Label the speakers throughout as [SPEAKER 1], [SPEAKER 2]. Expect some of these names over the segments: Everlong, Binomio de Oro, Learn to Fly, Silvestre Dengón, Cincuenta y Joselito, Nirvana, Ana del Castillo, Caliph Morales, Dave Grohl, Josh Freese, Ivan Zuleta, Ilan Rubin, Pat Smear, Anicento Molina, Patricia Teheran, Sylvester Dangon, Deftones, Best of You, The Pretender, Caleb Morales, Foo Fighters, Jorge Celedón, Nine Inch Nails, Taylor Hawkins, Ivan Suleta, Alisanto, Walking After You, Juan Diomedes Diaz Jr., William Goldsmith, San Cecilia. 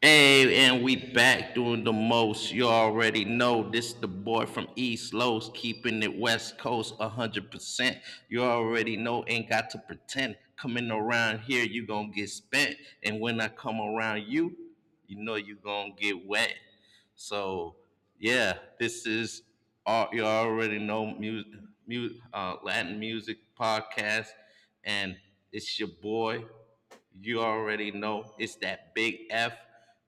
[SPEAKER 1] Hey, and we back doing the most. You already know this the boy from East Los, keeping it West Coast 100%. You already know, ain't got to pretend. Coming around here, you gonna get spent. And when I come around you, you know you gonna get wet. So, yeah, this is, all you already know, music, Latin music podcast. And it's your boy. You already know it's that big F,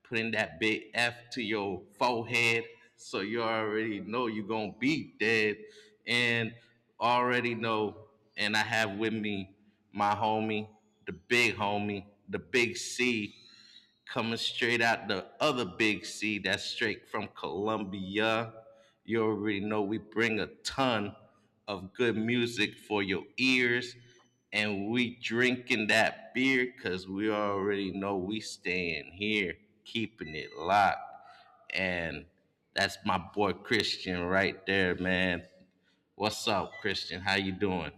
[SPEAKER 1] putting that big F to your forehead. So you already know you're going to be dead. And already know, and I have with me my homie, the big C coming straight out the other big C that's straight from Columbia. You already know we bring a ton of good music for your ears, and we drinking that beer because we already know we staying here, keeping it locked. And that's my boy Christian right there, man. What's up, Christian? How you doing?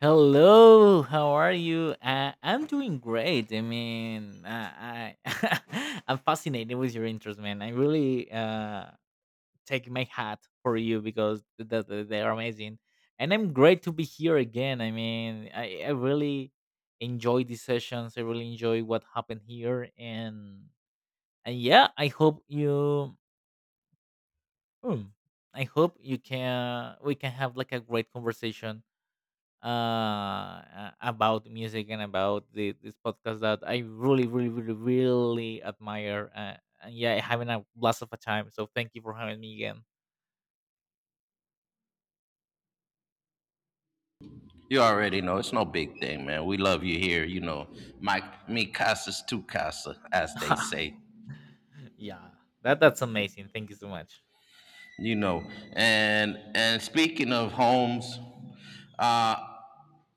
[SPEAKER 2] Hello, how are you? I'm doing great. I mean, I I'm fascinated with your interest, man. I really take my hat for you because they are amazing, and I'm great to be here again. I mean, I really enjoy these sessions. I really enjoy what happened here, and yeah, I hope mm, I hope you can we can have like a great conversation about music and about this podcast that I really really really really admire, and yeah, having a blast of a time, so thank you for having me again.
[SPEAKER 1] You already know it's no big thing, man. We love you here, you know. My me casa's tu casa, as they say,
[SPEAKER 2] Yeah. Yeah, that's amazing, thank you so much.
[SPEAKER 1] you know. And speaking of homes, uh,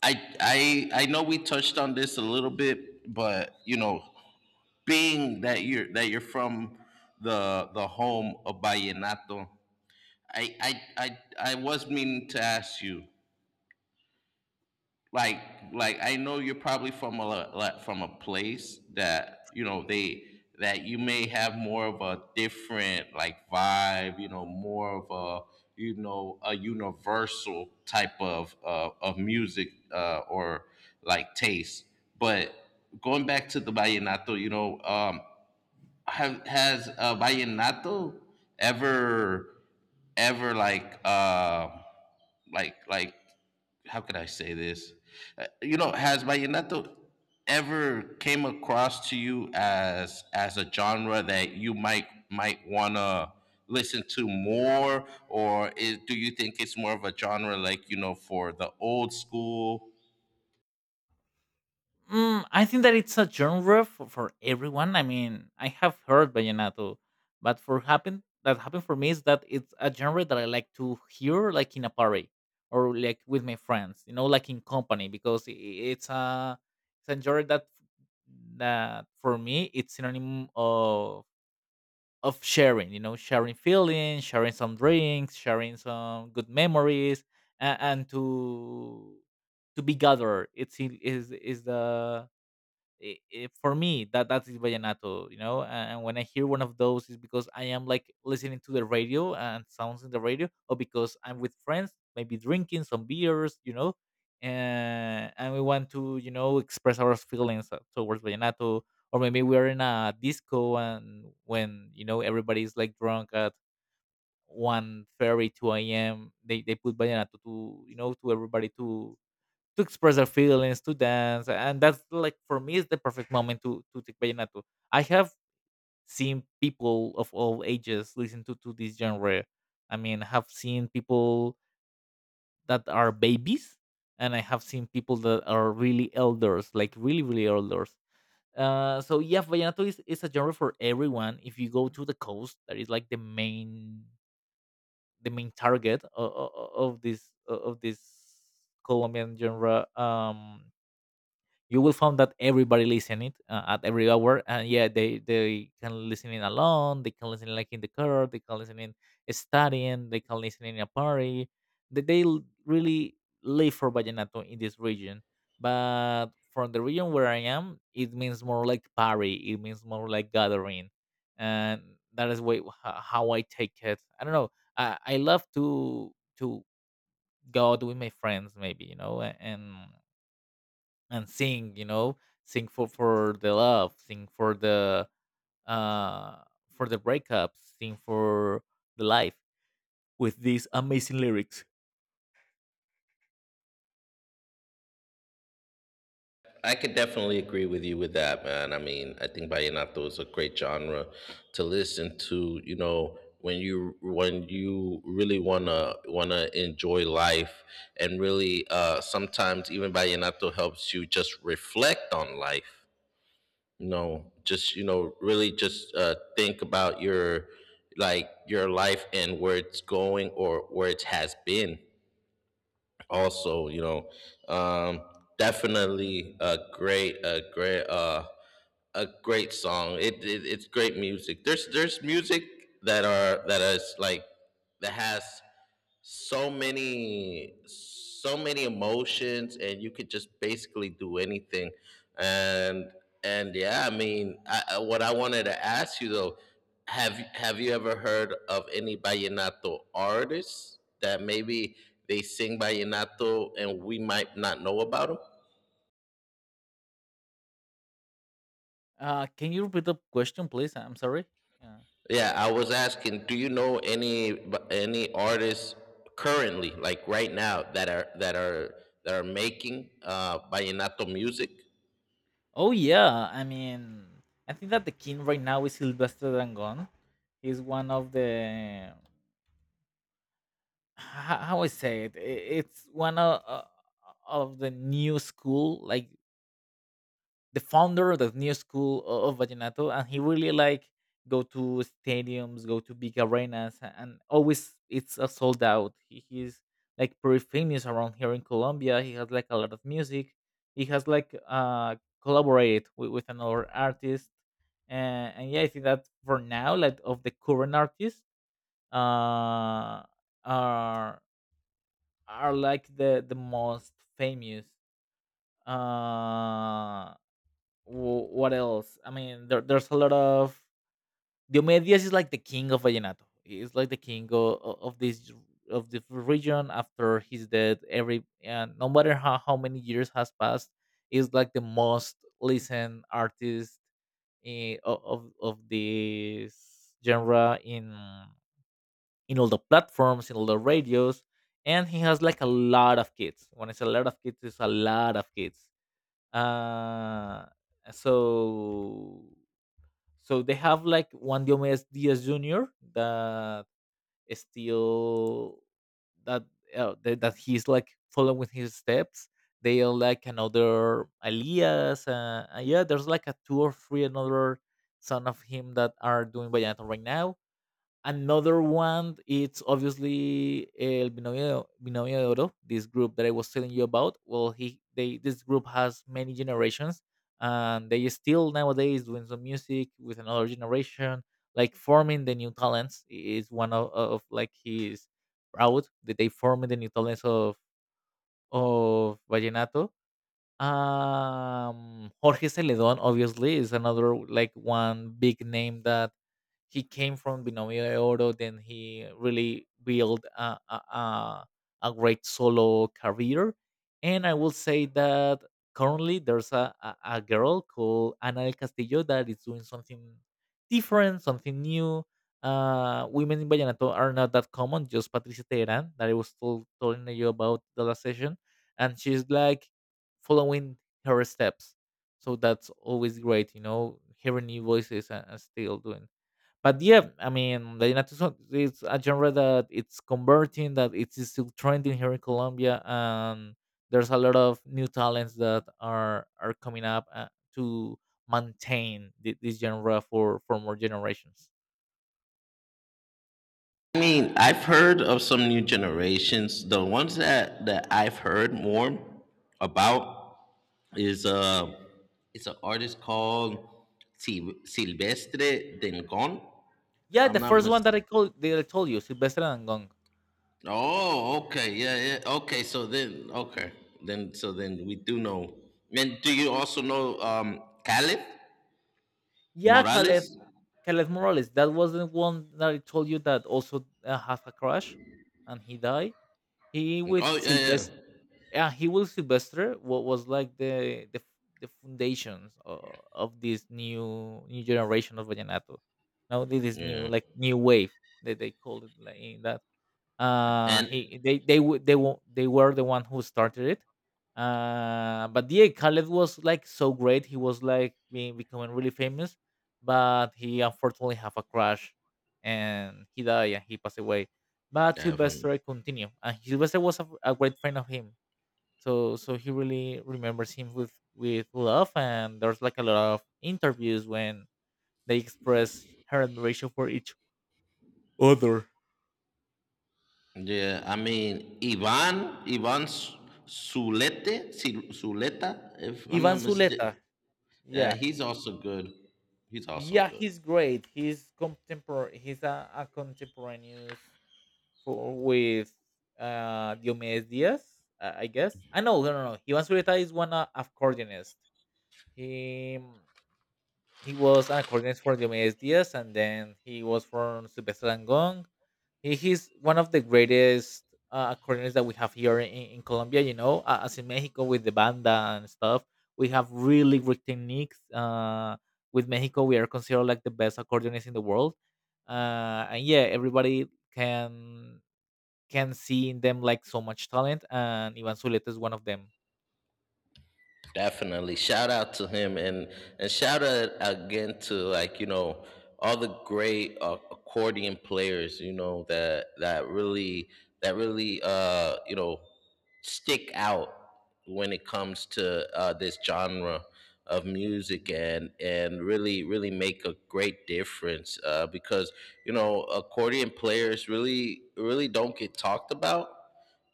[SPEAKER 1] I know we touched on this a little bit, but you know, being that you're from the home of Vallenato, I was meaning to ask you like like I know you're probably from a like, from a place that you know they that you may have more of a different like vibe, you know, more of a you know a universal type of music or like taste. But going back to the vallenato, you know, have has vallenato ever ever like like how could I say this? You know, has vallenato ever came across to you as a genre that you might wanna listen to more, or is, do you think it's more of a genre like you know for the old school.
[SPEAKER 2] I think that it's a genre for everyone. I mean, I have heard vallenato, but for happen that happened for me is that it's a genre that I like to hear like in a party or like with my friends, you know, like in company because it's a genre that for me it's synonym of sharing, you know, sharing feelings, sharing some drinks, sharing some good memories, and to be gathered. It's in- is the it, it, for me that is vallenato, you know. And when I hear one of those is because I am like listening to the radio and sounds in the radio, or because I'm with friends maybe drinking some beers, you know. And we want to, you know, express our feelings, towards vallenato. Or maybe we're in a disco, and when, you know, everybody is like drunk at one, three, 2 a.m., they put vallenato to, you know, to everybody to express their feelings, to dance, and that's like for me is the perfect moment to take vallenato. I have seen people of all ages listen to this genre. I mean, I have seen people that are babies, and I have seen people that are really elders, like really really elders. So yeah, vallenato is a genre for everyone. If you go to the coast, that is like the main target of of this Colombian genre. You will find that everybody listen it, at every hour, and yeah, they can listen it alone, they can listen like in the car, they can listen in studying, they can listen in a party, really live for vallenato in this region. But from the region where I am, it means more like party, it means more like gathering. And that is way, how I take it, I don't know. I love to to go out with my friends, maybe, you know, and sing, you know, sing for the love, sing for the, uh for the breakups, sing for the life with these amazing lyrics.
[SPEAKER 1] I could definitely agree with you with that, man. I mean, I think vallenato is a great genre to listen to. You know, when you really wanna enjoy life, and really, sometimes even vallenato helps you just reflect on life. You know, just you know, really just think about your like your life and where it's going or where it has been also, you know, um, definitely a great a great a great song. It, it's great music. There's music that are that is like that has so many so many emotions and you could just basically do anything, and and yeah, I mean what I wanted to ask you though, have you ever heard of any vallenato artists that maybe they sing vallenato and we might not know about them?
[SPEAKER 2] Can you repeat the question, please? I'm sorry. Yeah.
[SPEAKER 1] Yeah, I was asking, do you know any any artists currently, like right now, that are that are making vallenato music?
[SPEAKER 2] Oh yeah, I mean, I think that the king right now is Sylvester Dangon. He's one of the, how I say it I- it's one of the new school, like the founder of the new school of vallenato, and he really like go to stadiums, go to big arenas, and always it's a sold out. He's like pretty famous around here in Colombia. He has like a lot of music, he has like, collaborated with another artist. And yeah, I think that for now, like, of the current artists, uh are like the most famous. uh what else? I mean, there's a lot of Diomedes is like the king of vallenato. He's like the king of this of the region after his death. Every and no matter how many years has passed, is like the most listened artist, eh, of this genre in all the platforms, in all the radios, and he has like a lot of kids. When it's a lot of kids, it's a lot of kids. Uh, so so they have like Juan Diomedes Diaz Jr. that is still that that he's like following his steps. They are like another Elias. Yeah, there's like a two or three another son of him that are doing vallenato right now. Another one, it's obviously El Binomio, Binomio de Oro, this group that I was telling you about. Well, he they this group has many generations, and they still nowadays doing some music with another generation, like forming the new talents is one of like his proud that they formed the new talents of vallenato. Jorge Celedón, obviously, is another like one big name that he came from Binomio de Oro. Then he really built a great solo career. And I will say that currently there's a girl called Ana del Castillo that is doing something different, something new. Women in Vallenato are not that common, just Patricia Teheran, that I was told, telling you about the last session. And she's like following her steps. So that's always great, you know, hearing new voices, and still doing. But yeah, I mean, Vallenato is it's a genre that it's converting, that it's still trending here in Colombia, and there's a lot of new talents that are coming up, to maintain this genre for more generations.
[SPEAKER 1] I mean, I've heard of some new generations. The ones that that I've heard more about is it's an artist called Silvestre Dengón, if
[SPEAKER 2] Yeah,
[SPEAKER 1] I'm
[SPEAKER 2] the
[SPEAKER 1] not
[SPEAKER 2] first one that I called that I told you, Sylvester and Gong.
[SPEAKER 1] oh, okay. Yeah, yeah. Okay, so then okay. Then so then we do know. And do you also know, um, Caliph
[SPEAKER 2] Yeah,
[SPEAKER 1] Morales?
[SPEAKER 2] Caleb, Caleb Morales. That was the one that I told you that also, had a crash, and he died. He
[SPEAKER 1] Oh
[SPEAKER 2] with
[SPEAKER 1] yeah, yeah.
[SPEAKER 2] Sylvester. Yeah, he with Sylvester. What was like the foundations of this new generation of vallenato. Now this is new,
[SPEAKER 1] Yeah.
[SPEAKER 2] like new wave that they call it, like in that,
[SPEAKER 1] And
[SPEAKER 2] he they they were the one who started it. But yeah, Khaled was like so great. He was like being becoming really famous, but he unfortunately have a crash, and he died and he passed away. But
[SPEAKER 1] definitely.
[SPEAKER 2] Sylvester continued, and Sylvester was a great friend of him. So he really remembers him with love, and there's like a lot of interviews when they express her admiration for each other.
[SPEAKER 1] Yeah, I mean Ivan Suleta, if I'm not
[SPEAKER 2] Ivan
[SPEAKER 1] mistaken.
[SPEAKER 2] Zuleta,
[SPEAKER 1] Yeah,
[SPEAKER 2] yeah.
[SPEAKER 1] he's also good. He's also
[SPEAKER 2] Yeah,
[SPEAKER 1] good.
[SPEAKER 2] he's great. He's contemporary. He's a contemporaneous for with, Diomedes Diaz, I guess. I know, no. He was Zurita is one, accordionist. He he was an accordionist for Diomedes Diaz, and then he was from Sylvester Dangond. He's one of the greatest, accordionists that we have here in Colombia. You know, as in Mexico with the banda and stuff, we have really great techniques. With Mexico, we are considered like the best accordionists in the world. And yeah, everybody can see in them like so much talent, and Ivan Zuleta is one of them.
[SPEAKER 1] Definitely. Shout out to him, and shout out again to, like, you know, all the great, accordion players, you know, that that really you know, stick out when it comes to, this genre of music, and really really make a great difference, because you know accordion players really really don't get talked about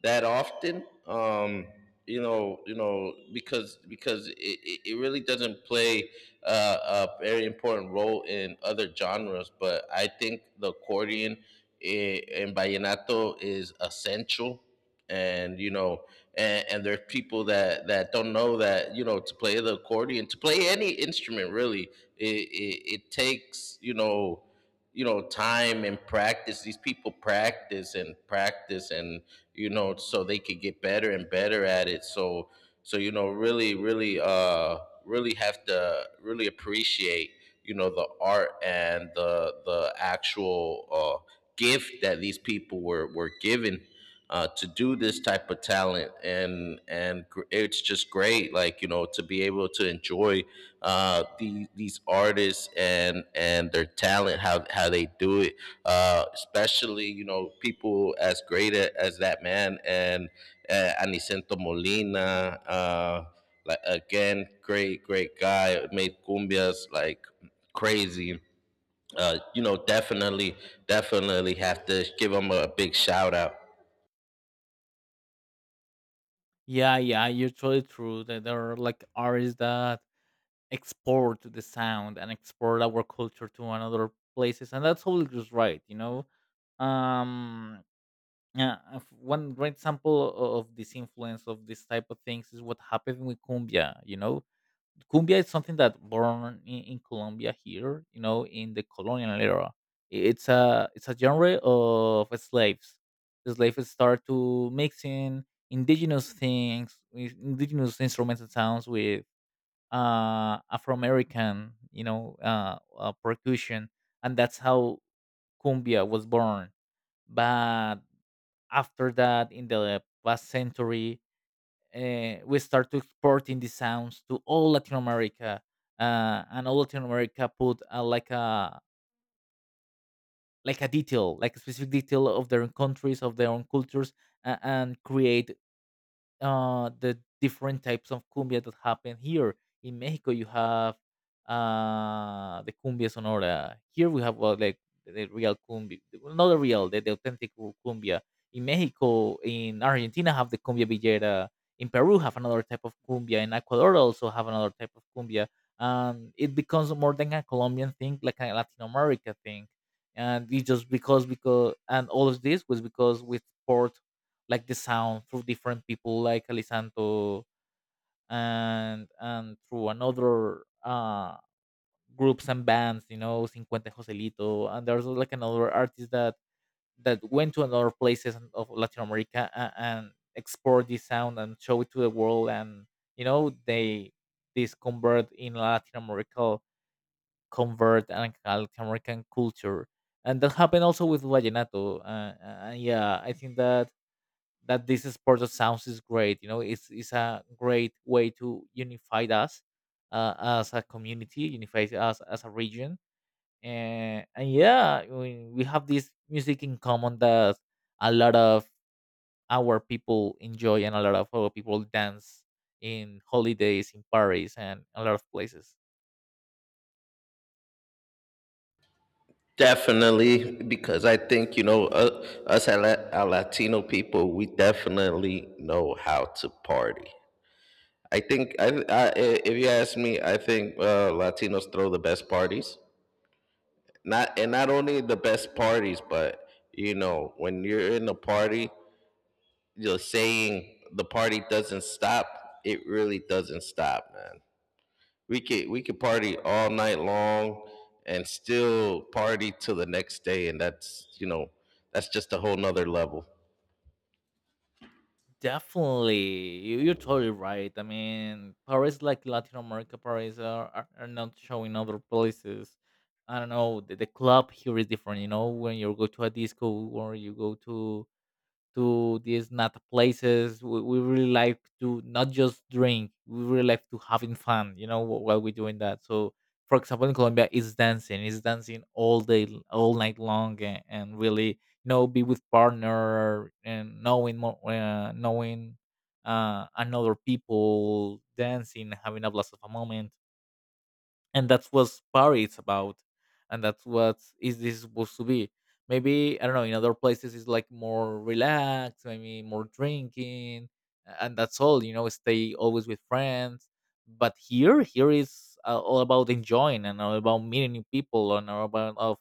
[SPEAKER 1] that often. You know, because it really doesn't play, a very important role in other genres. But I think the accordion in vallenato is essential, and you know, and there's people that that don't know that you know to play the accordion, to play any instrument really, it takes you know time and practice. These people practice and practice and you know, so they could get better and better at it. So, so you know, really, really, really have to really appreciate, you know, the art and the actual, uh, gift that these people were given, to do this type of talent. And it's just great, like you know, to be able to enjoy, the, these artists and their talent, how they do it, especially you know people as great as that man and, Anicento Molina. Like again, great great guy. Made cumbias like crazy. You know, definitely, definitely have to give him a big shout out.
[SPEAKER 2] Yeah, yeah, you're totally true. That there are like artists that export the sound and export our culture to another places, and that's all just right, you know. um yeah, if one great example of this influence of this type of things is what happened with cumbia, you know. Cumbia is something that born in Colombia here, you know, in the colonial era. It's a genre of slaves. The slaves start to mixing indigenous things with indigenous instruments and sounds with, Afro-American, percussion, and that's how cumbia was born. But after that, in the past century, we start to exporting the sounds to all Latin America, and all Latin America put, like a detail, like a specific detail of their own countries, of their own cultures, and create, the different types of cumbia that happen here. In Mexico, you have, the cumbia sonora. Here we have, well, like the real cumbia, well, not the real, the authentic cumbia. In Mexico, in Argentina, have the cumbia villera. In Peru, have another type of cumbia. In Ecuador, also have another type of cumbia. And it becomes more than a Colombian thing, like a Latin America thing. And it just because and all of this was because we poured like the sound through different people like Alisanto, and through another, groups and bands, you know, Cincuenta y Joselito, and there's like another artist that went to another places of Latin America, and export this sound and show it to the world, and you know, they this convert in Latin America, convert and Latin American culture, and that happened also with vallenato. Yeah, I think that this sport of sounds is great. You know, it's a great way to unify us uh, as a community, unify us as a region, and yeah, I mean, we have this music in common that a lot of our people enjoy and a lot of our people dance in holidays in Paris and a lot of places.
[SPEAKER 1] Definitely, because I think you know, us, our Latino people, we definitely know how to party. I think I if you ask me, I think, Latinos throw the best parties. Not and not only the best parties, but you know when you're in a party, you're saying the party doesn't stop. It really doesn't stop, man. We could party all night long and still party till the next day, and that's you know that's just a whole nother level.
[SPEAKER 2] Definitely, you're totally right. I mean, Paris, like Latin America, Paris are, are not showing other places. I don't know. The club here is different. You know, when you go to a disco or you go to these nat places. We really like to not just drink. We really like to having fun. You know, while we're doing that. So, for example, in Colombia, it's dancing. It's dancing all day, all night long, and really, you know, be with partner and knowing more, knowing another people dancing, having a blast of a moment, and that's what party is about, and that's what is this supposed to be. Maybe I don't know, in other places it's like more relaxed, maybe more drinking, and that's all, you know, stay always with friends. But here is all about enjoying and all about meeting new people and all about of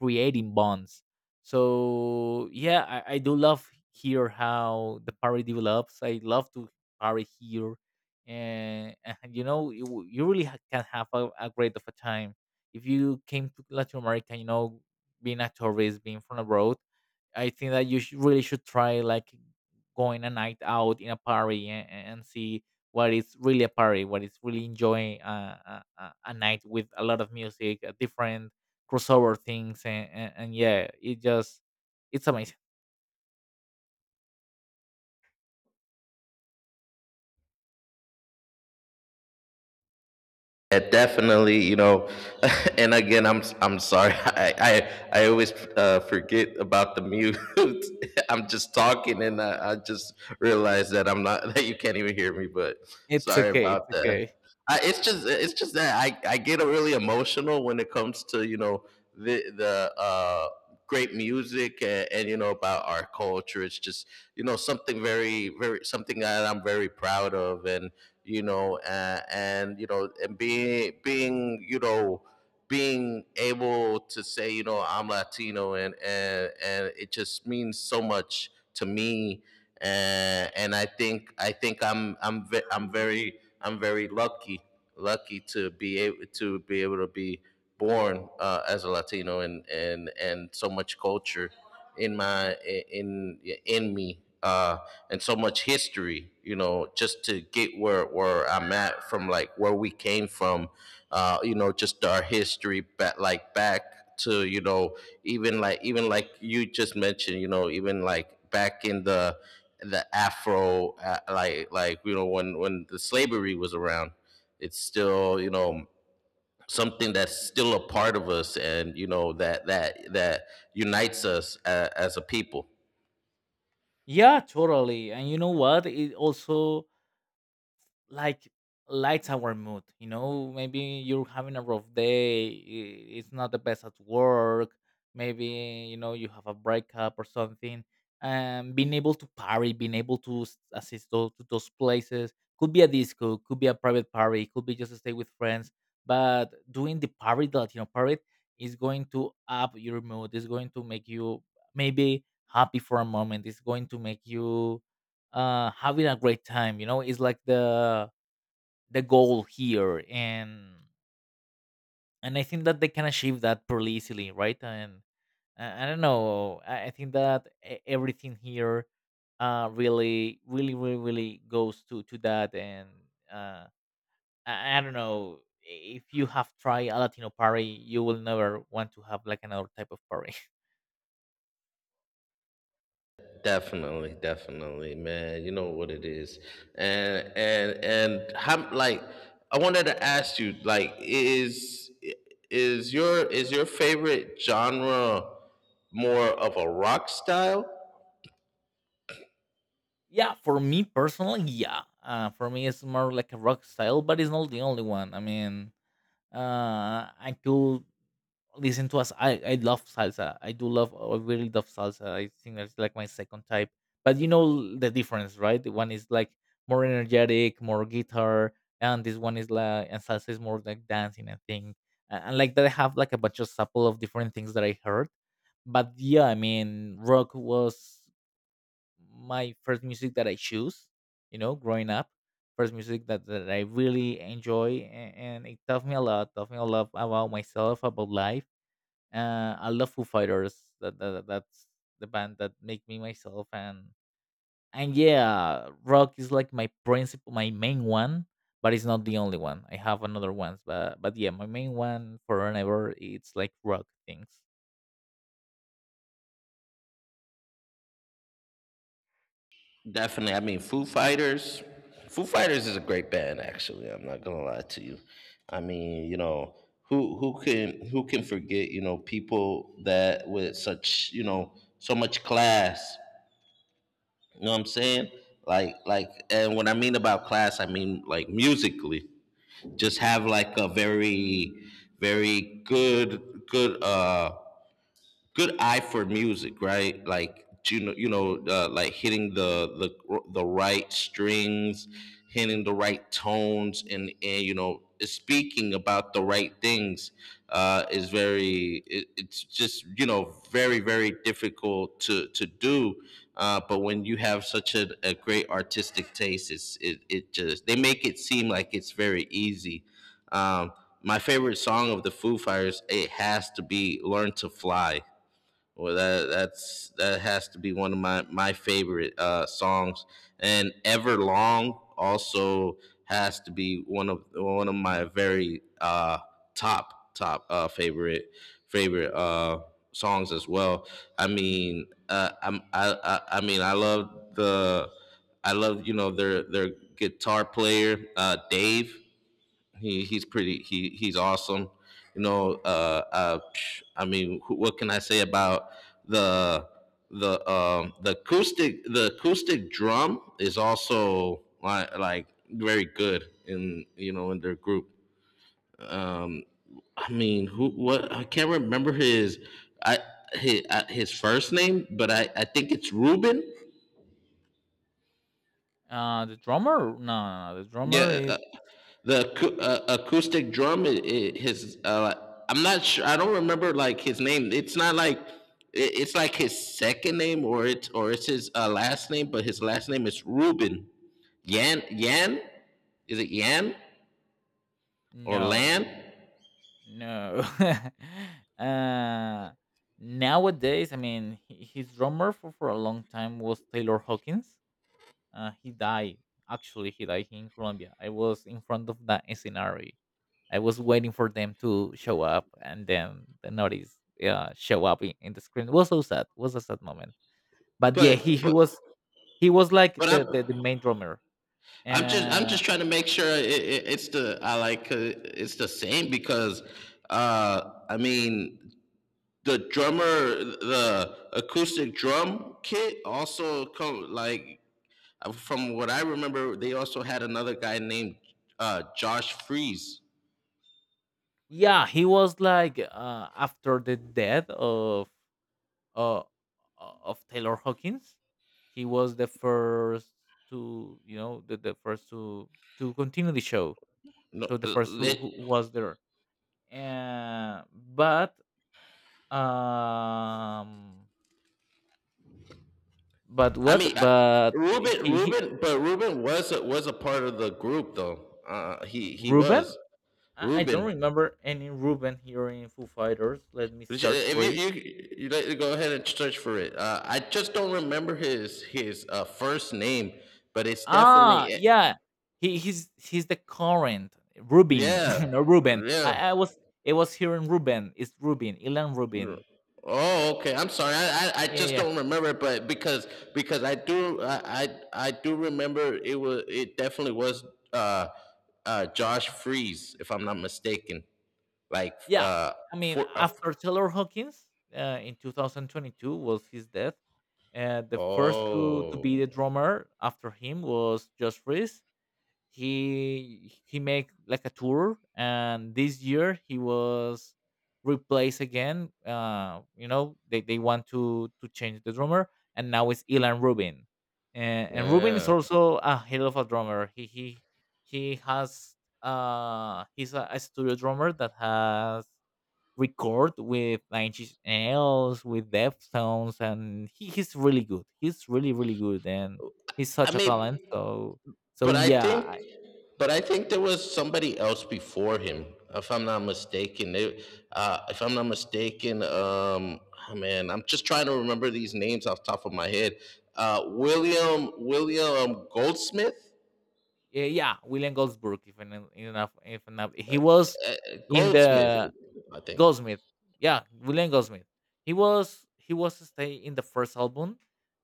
[SPEAKER 2] creating bonds. So yeah, I do love here how the party develops. I love to party here. And, and you know, you really can have a great of a time. If you came to Latin America, you know, being a tourist, being from abroad, I think that really should try like going a night out in a party, and see what is really a party, what is really enjoying a, a night with a lot of music, different crossover things, and, and yeah, it just, it's amazing.
[SPEAKER 1] Yeah, definitely. You know, and again, I'm sorry. I always, forget about the mute. I'm just talking, and I just realized that I'm not that you can't even hear me. But
[SPEAKER 2] it's
[SPEAKER 1] sorry
[SPEAKER 2] okay it's
[SPEAKER 1] about that.
[SPEAKER 2] okay.
[SPEAKER 1] I, it's just that I get really emotional when it comes to you know the great music and you know about our culture. It's just you know something very very something that I'm very proud of, and you know, and you know and being you know being able to say, you know, I'm Latino, and it just means so much to me. And I think I'm very lucky lucky to be able to be able to be born, as a Latino, and so much culture in my in in me, uh, and so much history, you know, just to get where I'm at from like where we came from, uh, you know, just our history back, like back to, you know, even like you just mentioned, you know, even like back in the afro like you know when the slavery was around. It's still you know something that's still a part of us, and you know that that unites us a, as a people.
[SPEAKER 2] Yeah, totally. And you know what? It also like lights our mood, you know, maybe you're having a rough day, it's not the best at work, maybe you know you have a breakup or something, and being able to party, being able to assist those, to those places, could be a disco, could be a private party, could be just to stay with friends. But doing the party, the Latino party, is going to up your mood, is going to make you maybe happy for a moment, it's going to make you having a great time. You know, it's like the goal here. And I think that they can achieve that pretty easily, right? And I don't know, I think that everything here really really goes to that. And uh, I don't know if you have tried a Latino party, you will never want to have like another type of party.
[SPEAKER 1] Definitely, definitely, man. You know what it is, and how like I wanted to ask you, like, is your favorite genre more of a rock style?
[SPEAKER 2] Yeah, for me personally, yeah, for me it's more like a rock style, but it's not the only one. I mean, uh, I could listen to us. I love salsa. I do love. I really love salsa. I think that's like my second type. But you know the difference, right? The One is like more energetic, more guitar, and this one is like and salsa is more like dancing and thing. And like that, I have like a bunch of couple of different things that I heard. But yeah, I mean, rock was my first music that I choose. You know, growing up, first music that I really enjoy, and it taught me a lot. Taught me a lot about myself, about life. I love Foo Fighters. That that's the band that make me myself. And yeah, rock is like my principal, my main one, but it's not the only one. I have another ones, but yeah, my main one for forever. It's like rock things.
[SPEAKER 1] Definitely. I mean, Foo Fighters. Foo Fighters is a great band, actually. I'm not gonna lie to you. I mean, you know, who who can forget? You know, people that with such you know so much class. You know what I'm saying? Like, and when I mean about class, I mean like musically. Just have like a very very good good eye for music, right? Like you know, like hitting the the right strings, hitting the right tones, and you know, speaking about the right things, is very. It, it's just you know very very difficult to do. But when you have such a great artistic taste, it just they make it seem like it's very easy. Um, my favorite song of the Foo Fighters, it has to be "Learn to Fly." Well, that that has to be one of my my favorite, songs, and Everlong also has to be one of my very, uh, top, favorite, songs as well. I mean, I'm, I mean I love the I love you know their guitar player, Dave. He he's pretty. He he's awesome. You know. I mean, what can I say about the the acoustic drum is also like very good in you know in their group. Um. I mean, who what I can't remember his I his, his first name, but I think it's Ruben.
[SPEAKER 2] The drummer? No, no, no. The drummer
[SPEAKER 1] Yeah.
[SPEAKER 2] is. It,
[SPEAKER 1] Acoustic drum I his uh, I'm not sure I don't remember like his name. It's not like it's like his second name, or it's his, last name. But his last name is Ruben. Yan, yan, is it Yan or
[SPEAKER 2] no.
[SPEAKER 1] Lan?
[SPEAKER 2] No. Uh, nowadays, I mean, he, his drummer for a long time was Taylor Hawkins. He died. Actually, he died in Colombia. I was in front of that scenario. I was waiting for them to show up, and then the notice show up in the screen. It was so sad. It was a sad moment. But yeah,
[SPEAKER 1] but but
[SPEAKER 2] he was like
[SPEAKER 1] but
[SPEAKER 2] the, the main drummer.
[SPEAKER 1] I'm
[SPEAKER 2] And
[SPEAKER 1] just trying to make sure it's the I like, it's the same because, uh, I mean the drummer the acoustic drum kit also come like, uh, from what I remember, they also had another guy named, Josh Freeze.
[SPEAKER 2] yeah, he was like, after the death uh, uh, of Taylor Hawkins. He was the first to, you know, the first to continue the show.
[SPEAKER 1] No,
[SPEAKER 2] So the first
[SPEAKER 1] that
[SPEAKER 2] who was there. Uh, but um, but
[SPEAKER 1] I
[SPEAKER 2] what?
[SPEAKER 1] mean, I,
[SPEAKER 2] But
[SPEAKER 1] Ruben,
[SPEAKER 2] he
[SPEAKER 1] Ruben, but Ruben was a part of the group though. He
[SPEAKER 2] Ruben.
[SPEAKER 1] was
[SPEAKER 2] I don't
[SPEAKER 1] Ruben.
[SPEAKER 2] remember any Ruben here in Foo Fighters. Let me
[SPEAKER 1] Which,
[SPEAKER 2] search
[SPEAKER 1] if
[SPEAKER 2] for.
[SPEAKER 1] you like to go ahead and search for it. I just don't remember his, first name, but it's
[SPEAKER 2] Ah,
[SPEAKER 1] definitely, eh,
[SPEAKER 2] yeah. He's the current Rubin, no
[SPEAKER 1] yeah
[SPEAKER 2] Ruben.
[SPEAKER 1] yeah.
[SPEAKER 2] I was it was hearing in Ruben. It's Rubin, Ilan Rubin.
[SPEAKER 1] Oh, okay. I'm sorry. I
[SPEAKER 2] Yeah,
[SPEAKER 1] just don't remember, but because I do remember it was it definitely was, uh Josh Freeze, if I'm not mistaken. Like,
[SPEAKER 2] yeah. I mean,
[SPEAKER 1] for uh, f-
[SPEAKER 2] after Taylor Hawkins, in 2022 was his death. The first to be
[SPEAKER 1] oh
[SPEAKER 2] the drummer after him was Josh Freese. He made like a tour, and this year he was replaced again. You know, they want to change the drummer, and now it's Ilan Rubin. And Rubin is
[SPEAKER 1] yeah.
[SPEAKER 2] also a hell of a drummer. He has, he's a studio drummer that has record with Nine Inch Nails, with Deftones, and he's really good. He's really really good, and he's
[SPEAKER 1] I
[SPEAKER 2] such a talent.
[SPEAKER 1] mean,
[SPEAKER 2] So so
[SPEAKER 1] but I think,
[SPEAKER 2] Yeah,
[SPEAKER 1] but I think there was somebody else before him, if I'm not mistaken. They, if I'm not mistaken, oh man, I'm just trying to remember these names off the top of my head. William Goldsmith,
[SPEAKER 2] Yeah, William Goldsberg. If en- enough, if enough, he was
[SPEAKER 1] uh,
[SPEAKER 2] in
[SPEAKER 1] Goldsmith,
[SPEAKER 2] the
[SPEAKER 1] I think
[SPEAKER 2] Goldsmith. Yeah, William Goldsmith. He was stay in the first album,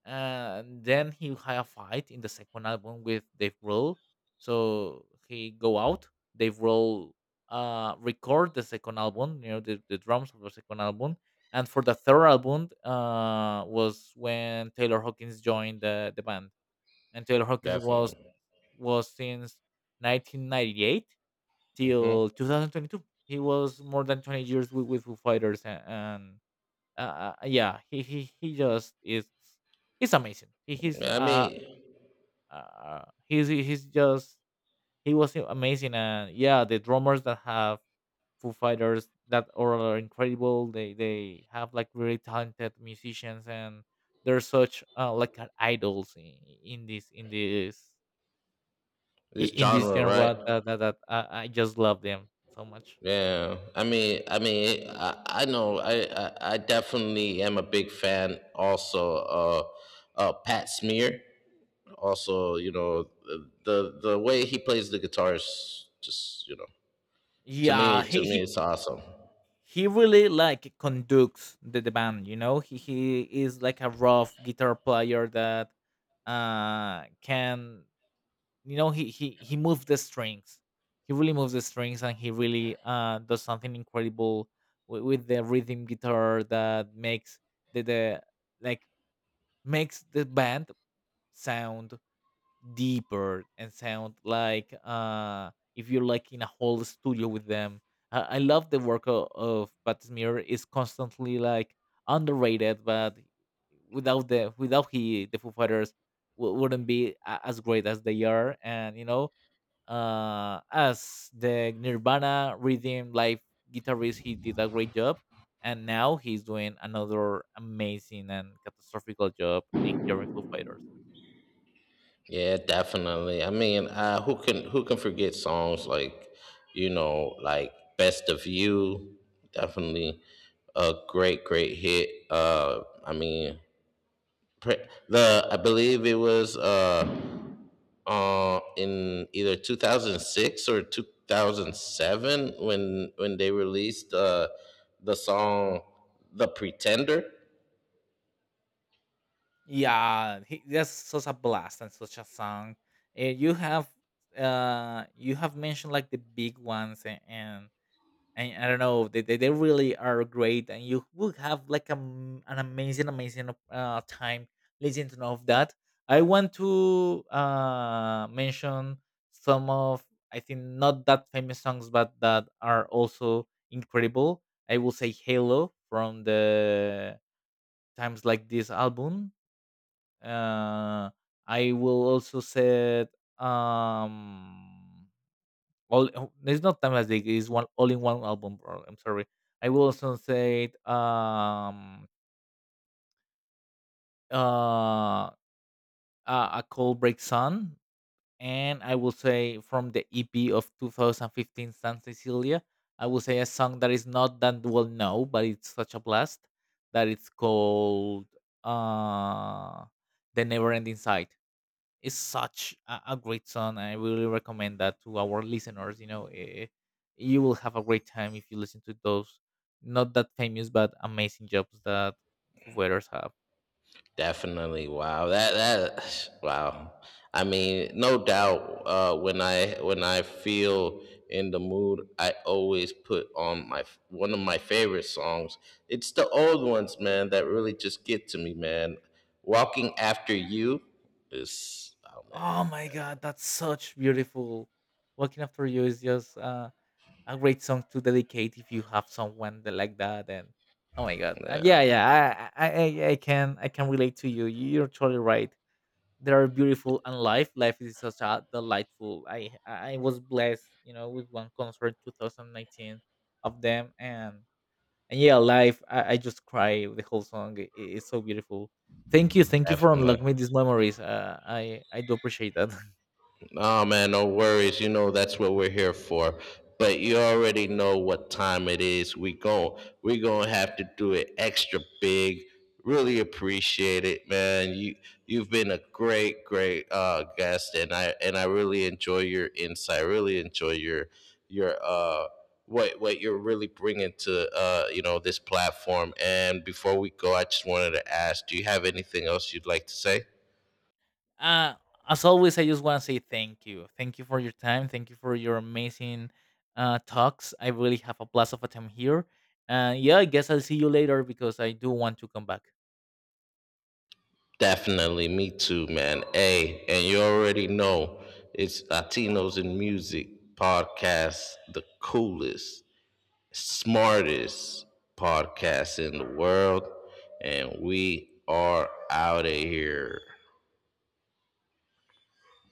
[SPEAKER 2] and then he had a fight in the second album with Dave Grohl. So he go out. Dave Grohl record the second album. You know the drums of the second album. And for the third album, was when Taylor Hawkins joined the band, and Taylor Hawkins
[SPEAKER 1] definitely.
[SPEAKER 2] was since 1998
[SPEAKER 1] Hmm.
[SPEAKER 2] till 2022. He was more than 20 years with Foo Fighters, and yeah, he just is, he's amazing. He's
[SPEAKER 1] I mean,
[SPEAKER 2] he's just he was amazing. And yeah, the drummers that have Foo Fighters that are incredible. They have like really talented musicians, and they're such, like, idols in this in this
[SPEAKER 1] this
[SPEAKER 2] in this
[SPEAKER 1] genre, right?
[SPEAKER 2] genre, that that, that I just love them so much.
[SPEAKER 1] Yeah, I mean, I know, I definitely am a big fan. Also, Pat Smear. Also, you know, the way he plays the guitar is just, you know, to
[SPEAKER 2] Yeah,
[SPEAKER 1] me to me it's awesome.
[SPEAKER 2] he really like conducts the band. You know, he is like a rough guitar player that can, you know, he moves the strings. He really moves the strings, and he really does something incredible with the rhythm guitar that makes the like makes the band sound deeper and sound like, uh, if you're like in a whole studio with them. I love the work of Pat Smear is constantly like underrated, but without the without he the Foo Fighters wouldn't be as great as they are. And you know, as the Nirvana rhythm live guitarist, he did a great job, and now he's doing another amazing and catastrophical job in here in Foo Fighters.
[SPEAKER 1] Yeah, definitely. I mean, who can forget songs like, you know, like "Best of You"? Definitely a great, great hit. I mean, pre- the I believe it was, in either 2006 or 2007 when they released, the song "The Pretender."
[SPEAKER 2] Yeah, that's such a blast and such a song. And you have mentioned like the big ones and and I don't know, they really are great, and you would have like, an amazing, amazing time listening to all of that. I want to mention some of, I think, not that famous songs, but that are also incredible. I will say Halo from the Times Like This album. uh, I will also set um, all, oh, it's not timeless dig, it's one all in one album, or- I'm sorry. I will also set um, uh, a, a cold break sun, and I will say from the EP of 2015 San Cecilia, I will say a song that is not that well known, but it's such a blast, that it's called, uh, the never ending sight, is such a great song. I really recommend that to our listeners. You know, eh, you will have a great time if you listen to those not that famous but amazing jobs that wearers have.
[SPEAKER 1] Definitely, wow, that that wow. I mean, no doubt. When I feel in the mood, I always put on my one of my favorite songs. It's the old ones, man, that really just get to me, man. Walking after you is oh,
[SPEAKER 2] Oh my god, that's such beautiful. Walking after you is just, a great song to dedicate if you have someone that like that. And oh my god,
[SPEAKER 1] man, yeah,
[SPEAKER 2] and yeah, yeah, I can relate to you. You're totally right. That are beautiful, and life is such a delightful. I was blessed, you know, with one concert 2019 of them. And yeah, life, I just cry the whole song. It's so beautiful. Thank you for
[SPEAKER 1] definitely.
[SPEAKER 2] unlocking me these memories. Uh, I do appreciate that.
[SPEAKER 1] Oh man, no worries. You know that's what we're here for. But you already know what time it is. We gonna have to do it extra big. Really appreciate it, man. You you've been a great, great, guest, and I really enjoy your insight. Really enjoy your, uh, what you're really bringing to, uh, you know, this platform. And before we go, I just wanted to ask, do you have anything else you'd like to say?
[SPEAKER 2] Uh, as always, I just want to say thank you. Thank you for your time. Thank you for your amazing talks. I really have a blast of a time here. Yeah, I guess I'll see you later, because I do want to come back.
[SPEAKER 1] Definitely, me too, man. Hey, and you already know it's Latinos in Music podcast, the coolest, smartest podcast in the world, and we are out of here.